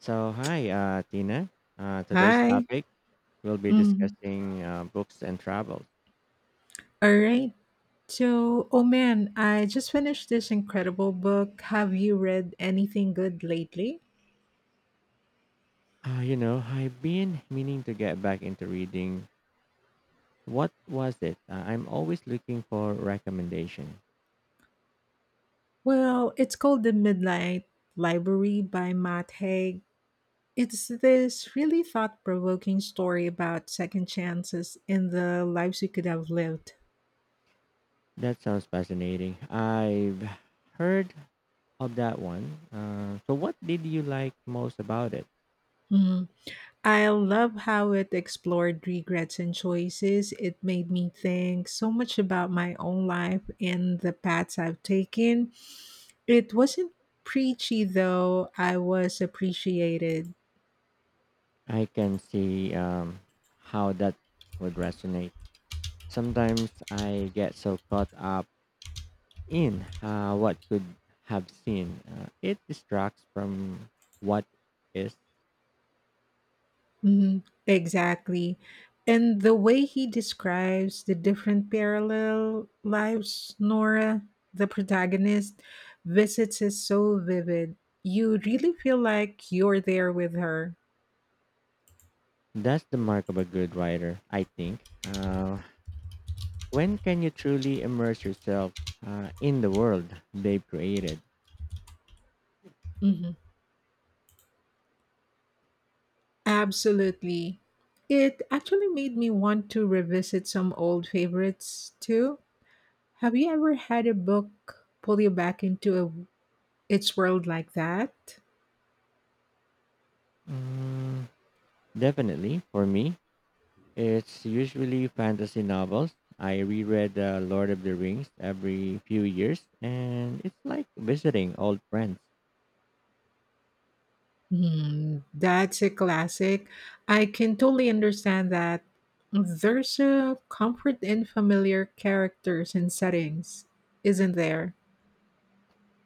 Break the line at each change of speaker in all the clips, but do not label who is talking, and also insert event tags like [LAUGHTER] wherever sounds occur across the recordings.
So, hi, Tina. Today's
Hi.
topic we'll be
Mhm.
discussing books and travels.
All right. So, oh man, I just finished this incredible book. Have you read anything good lately?
I've been meaning to get back into reading. What was it? I'm always looking for recommendation.
Well, it's called The Midnight Library by Matt Haig. It's this really thought provoking story about second chances in the lives we could have lived.
That sounds fascinating. I've heard of that one. So, what did you like most about it?
I love how it explored regrets and choices. It made me think so much about my own life and the paths I've taken. It wasn't preachy, though, I was appreciated.
I can see how that would resonate. Sometimes I get so caught up in what could have seen. It distracts from what is.
Mhm. Exactly. And the way he describes the different parallel lives Nora, the protagonist, visits is so vivid. You really feel like you're there with her.
That's the mark of a good writer, I think. When can you truly immerse yourself in the world they've created?
Mm-hmm. Absolutely. It actually made me want to revisit some old favorites too. Have you ever had a book pull you back into a, its world like that?
Mm, definitely, for me, it's usually fantasy novels. I reread The Lord of the Rings every few years, and it's like visiting old friends.
Hmm, that's a classic. I can totally understand that. There's a comfort in familiar characters and settings, isn't there?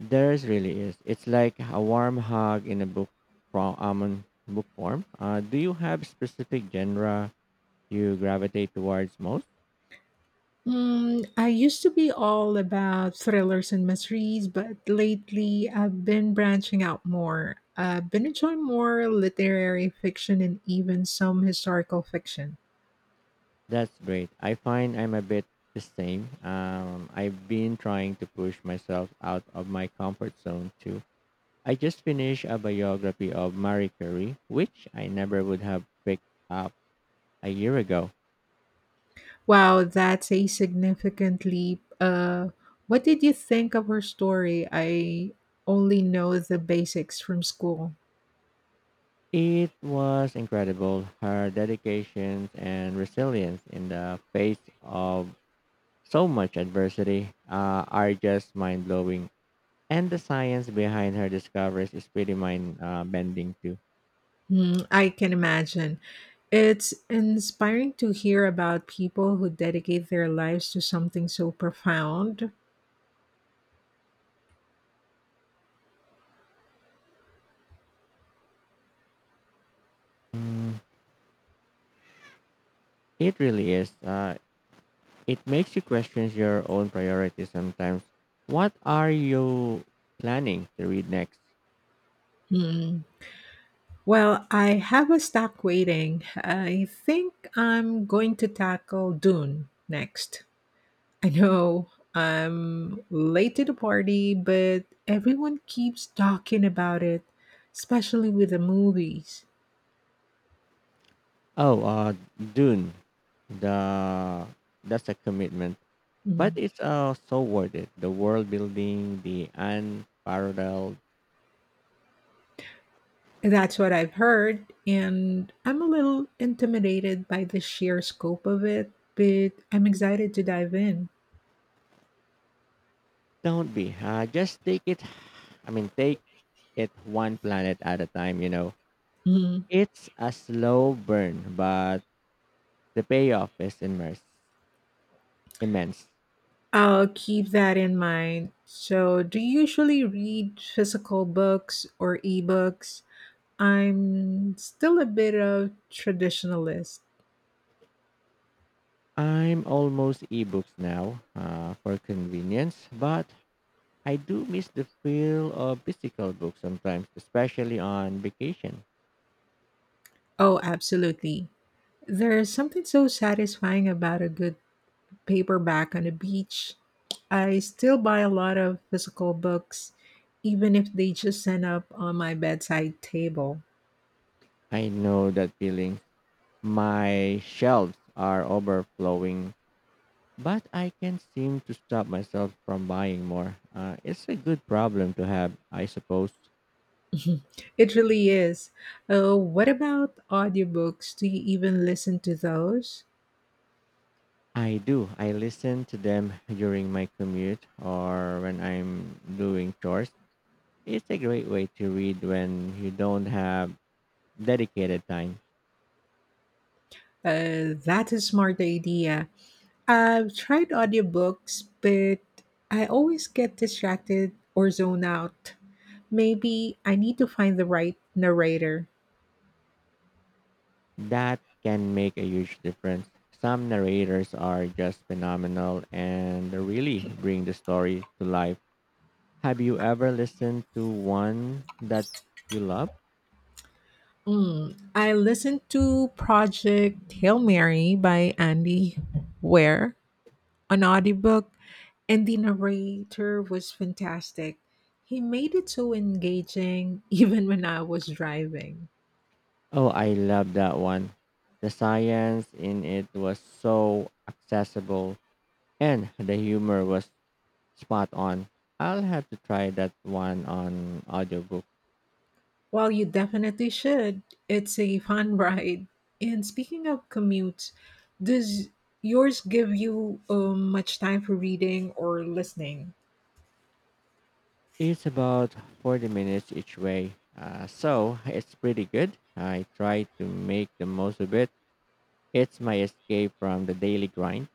There's really is. It's like a warm hug in a book from in book form. Do you have specific genre you gravitate towards most?
Mm, I used to be all about thrillers and mysteries, but lately I've been branching out more. I've been enjoying more literary fiction and even some historical fiction.
That's great. I find I'm a bit the same. I've been trying to push myself out of my comfort zone too. I just finished a biography of Marie Curie, which I never would have picked up a year ago.
Wow, that's a significant leap. What did you think of her story? I only know the basics from school.
It was incredible her dedication and resilience in the face of so much adversity are just mind blowing. And the science behind her discoveries is pretty mind bending too.
Hmm, I can imagine. It's inspiring to hear about people who dedicate their lives to something so profound.
Mm, it really is. It makes you question your own priorities sometimes. What are you planning to read next?
Hmm. Well, I have a stock waiting. I think I'm going to tackle Dune next. I know I'm late to the party, but everyone keeps talking about it, especially with the movies.
Oh, Dune. The That's a commitment, but
Mhm.
it's so worth it. The world building, the unparalleled.
That's what I've heard, and I'm a little intimidated by the sheer scope of it, but I'm excited to dive in.
Don't be. Just take it. I mean, take it one planet at a time, you know.
Mm-hmm.
It's a slow burn, but the payoff is immense.
I'll keep that in mind. So, do you usually read physical books or ebooks? I'm still a bit of traditionalist.
I'm almost ebooks now for convenience, but I do miss the feel of physical books sometimes, especially on vacation.
Oh, absolutely. There's something so satisfying about a good paperback on the beach. I still buy a lot of physical books, even if they just end up on my bedside table.
I know that feeling. My shelves are overflowing, but I can't seem to stop myself from buying more. It's a good problem to have, I suppose.
[LAUGHS] It really is. What about audiobooks? Do you even listen to those?
I do. I listen to them during my commute or when I'm doing chores. It's a great way to read when you don't have dedicated time.
That's a smart idea. I've tried audiobooks, but I always get distracted or zone out. Maybe I need to find the right narrator.
That can make a huge difference. Some narrators are just phenomenal and really bring the story to life. Have you ever listened to one that you love?
Mm, I listened to Project Hail Mary by Andy Ware on audiobook, and the narrator was fantastic. He made it so engaging [LAUGHS] even when I was driving.
Oh, I love that one. The science in it was so accessible and the humor was spot on. I'll have to try that one on audiobook.
Well, you definitely should. It's a fun [LAUGHS] ride. And speaking of commutes, does yours give you much time for reading or listening?
It's about 40 minutes each way. So it's pretty good. I try to make the most of it. It's my escape from the daily grind.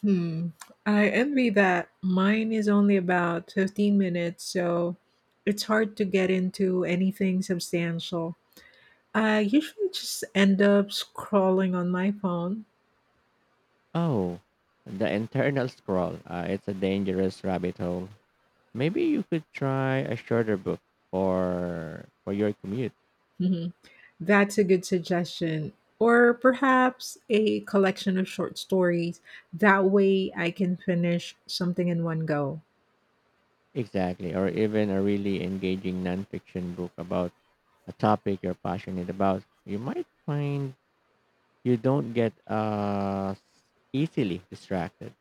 Hmm. I envy that. Mine is only about 15 minutes, so it's hard to get into anything substantial. I usually just end up scrolling on my phone.
Oh, the internal scroll. It's a dangerous rabbit hole. Maybe you could try a shorter book for your commute.
[LAUGHS] That's a good suggestion. Or perhaps a collection of short stories. That way I can finish something in one go.
Exactly, or even a really engaging nonfiction book about a topic you're passionate about. You might find you don't get easily distracted.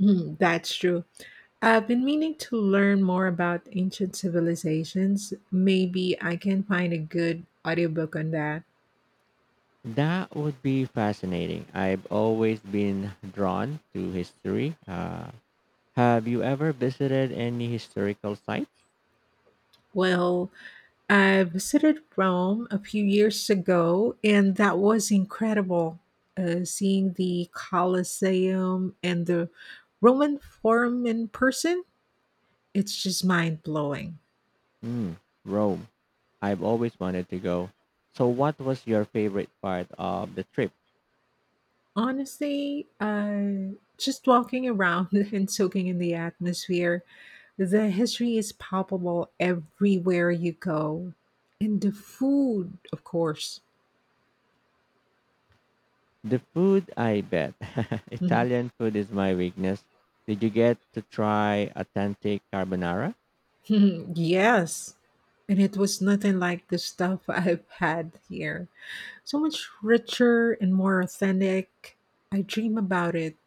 Mm, that's true. I've been meaning to learn more about ancient civilizations. Maybe I can find a good audiobook on that.
That would be fascinating. I've always been drawn to history. Have you ever visited any historical sites?
Well, I visited Rome a few years ago, and that was incredible. Seeing the Colosseum and the Roman Forum in person, it's just mind blowing.
Mm, Rome. I've always wanted to go. So, what was your favorite part of the trip?
Honestly, just walking around [LAUGHS] and soaking in the atmosphere, the history is palpable everywhere you go. And the food, of course.
The food, I bet. [LAUGHS]
Mhm.
Italian food is my weakness. Did you get to try authentic carbonara?
[LAUGHS] Yes. And it was nothing like the stuff [LAUGHS] I've had here. So much richer and more authentic. I dream about it.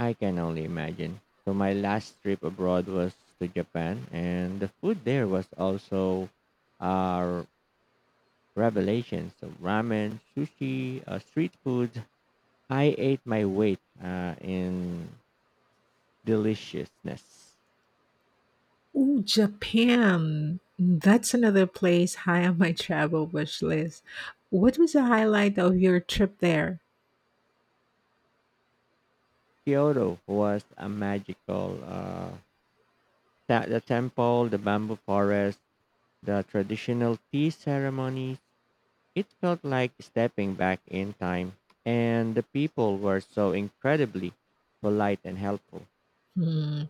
I can only imagine. So my last trip abroad was to Japan, and the food there was also uh, revelations. So ramen, sushi, street food. I ate my weight in deliciousness.
Oh Japan. That's another place high on my travel wish list. What was the highlight of your trip there?
Kyoto was a magical. The temple, the bamboo forest, the traditional tea ceremony, it felt like stepping back in time, and the people were so incredibly polite and helpful.
Hmm,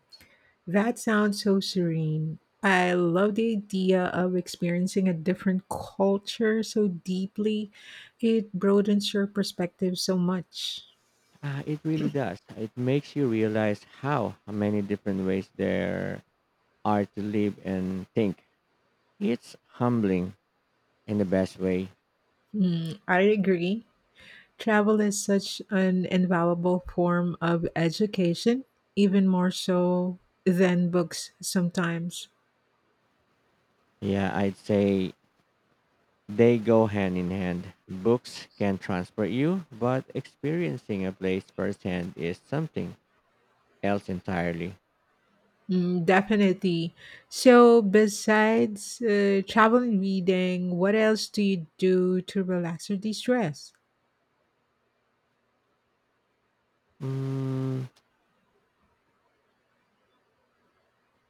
that sounds so serene. I love the idea of experiencing a different culture so deeply. It broadens your perspective so much.
Ah, it really does. It makes you realize how many different ways there are to live and think. It's humbling in the best way.
Hmm, I agree. Travel is such an invaluable form of education, even more so than books sometimes.
Yeah, I'd say they go hand in hand. Books can transport you, but experiencing a place firsthand is something else entirely.
Mm, definitely. So, besides travel and reading, what else do you do to relax or de stress?
Mm,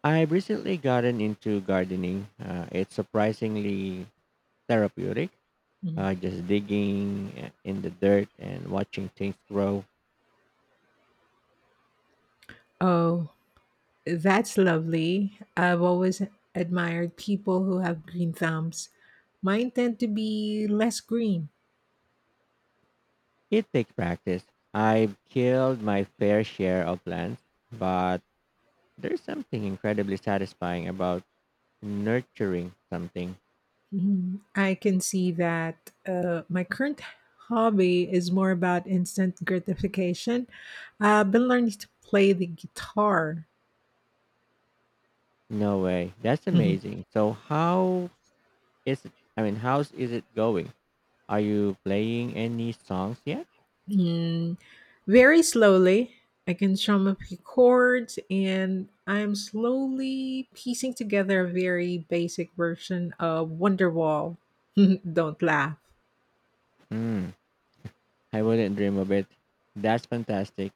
I've recently gotten into gardening. It's surprisingly therapeutic. Just digging in the dirt and watching things grow.
Oh, that's lovely. I've always admired people who have green thumbs. Mine tend to be less green.
It takes practice. I've killed my fair share of plants, but there's something incredibly satisfying about nurturing something.
Mhm. I can see that, my current hobby is more about instant gratification. I've been learning to play the guitar.
No way. That's
[LAUGHS]
amazing. So how is it? I mean, how's is it going? Are you playing any songs yet?
Mm, very slowly, I can strum a few chords, and I'm slowly piecing together a very basic version of Wonderwall. [LAUGHS] Don't laugh.
Hmm. I wouldn't dream of it. That's fantastic.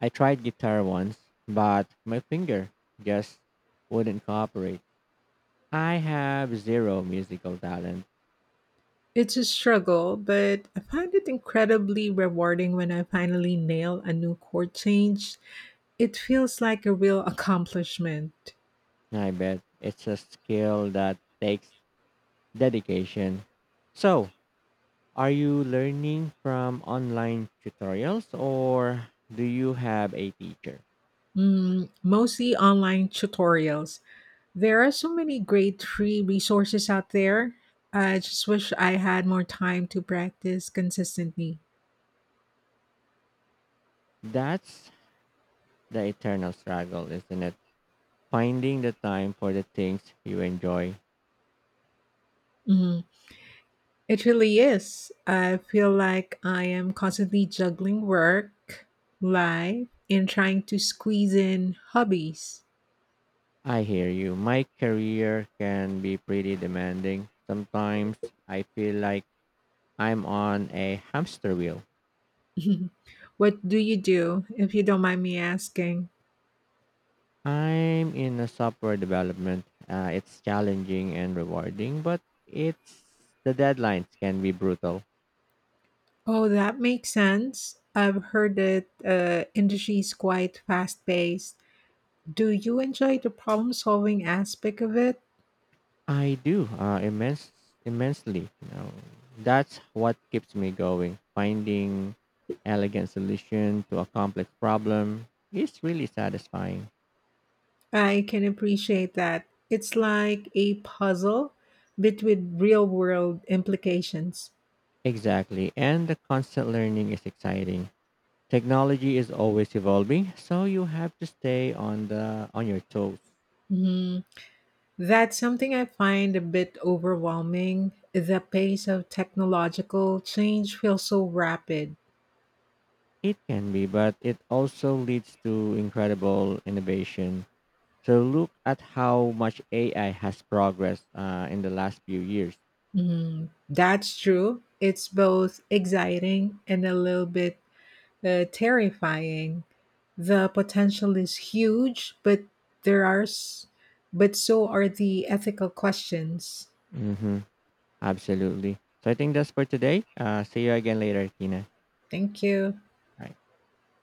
I tried guitar once, but my finger just wouldn't cooperate. I have zero musical talent.
It's a struggle, but I find it incredibly rewarding when I finally nail a new chord change. It feels like a real accomplishment.
I bet it's a skill that takes dedication. So, are you learning from online tutorials or do you have a teacher?
Mm, mostly online tutorials. There are so many great free resources out there. I just wish I had more time to practice consistently.
That's the eternal struggle, isn't it? Finding the time for the things you enjoy.
Mhm. It really is. I feel like I am constantly juggling work, life, and trying to squeeze in hobbies.
I hear you. My career can be pretty demanding. Sometimes I feel like I'm on a hamster wheel.
[LAUGHS] What do you do, if you don't mind me asking?
I'm in a software development. It's challenging and rewarding, but it's the deadlines can be brutal.
Oh, that makes sense. I've heard that industry is quite fast paced. Do you enjoy the problem solving aspect of it?
I do immensely. You know, that's what keeps me going. Finding elegant solution to a complex problem is really satisfying.
I can appreciate that. It's like a puzzle, but with real world implications.
Exactly, and the constant learning is exciting. Technology is always evolving, so you have to stay on the on your toes.
Mhm. That's something I find a bit overwhelming. The pace of technological change feels so rapid.
It can be, but it also leads to incredible innovation. So look at how much AI has progressed in the last few years.
Mhm. That's true. It's both exciting and a little bit terrifying. The potential is huge, but there are, s- but so are the ethical questions.
Hmm. Absolutely. So I think that's for today. See you again later, Tina.
Thank you.
Bye.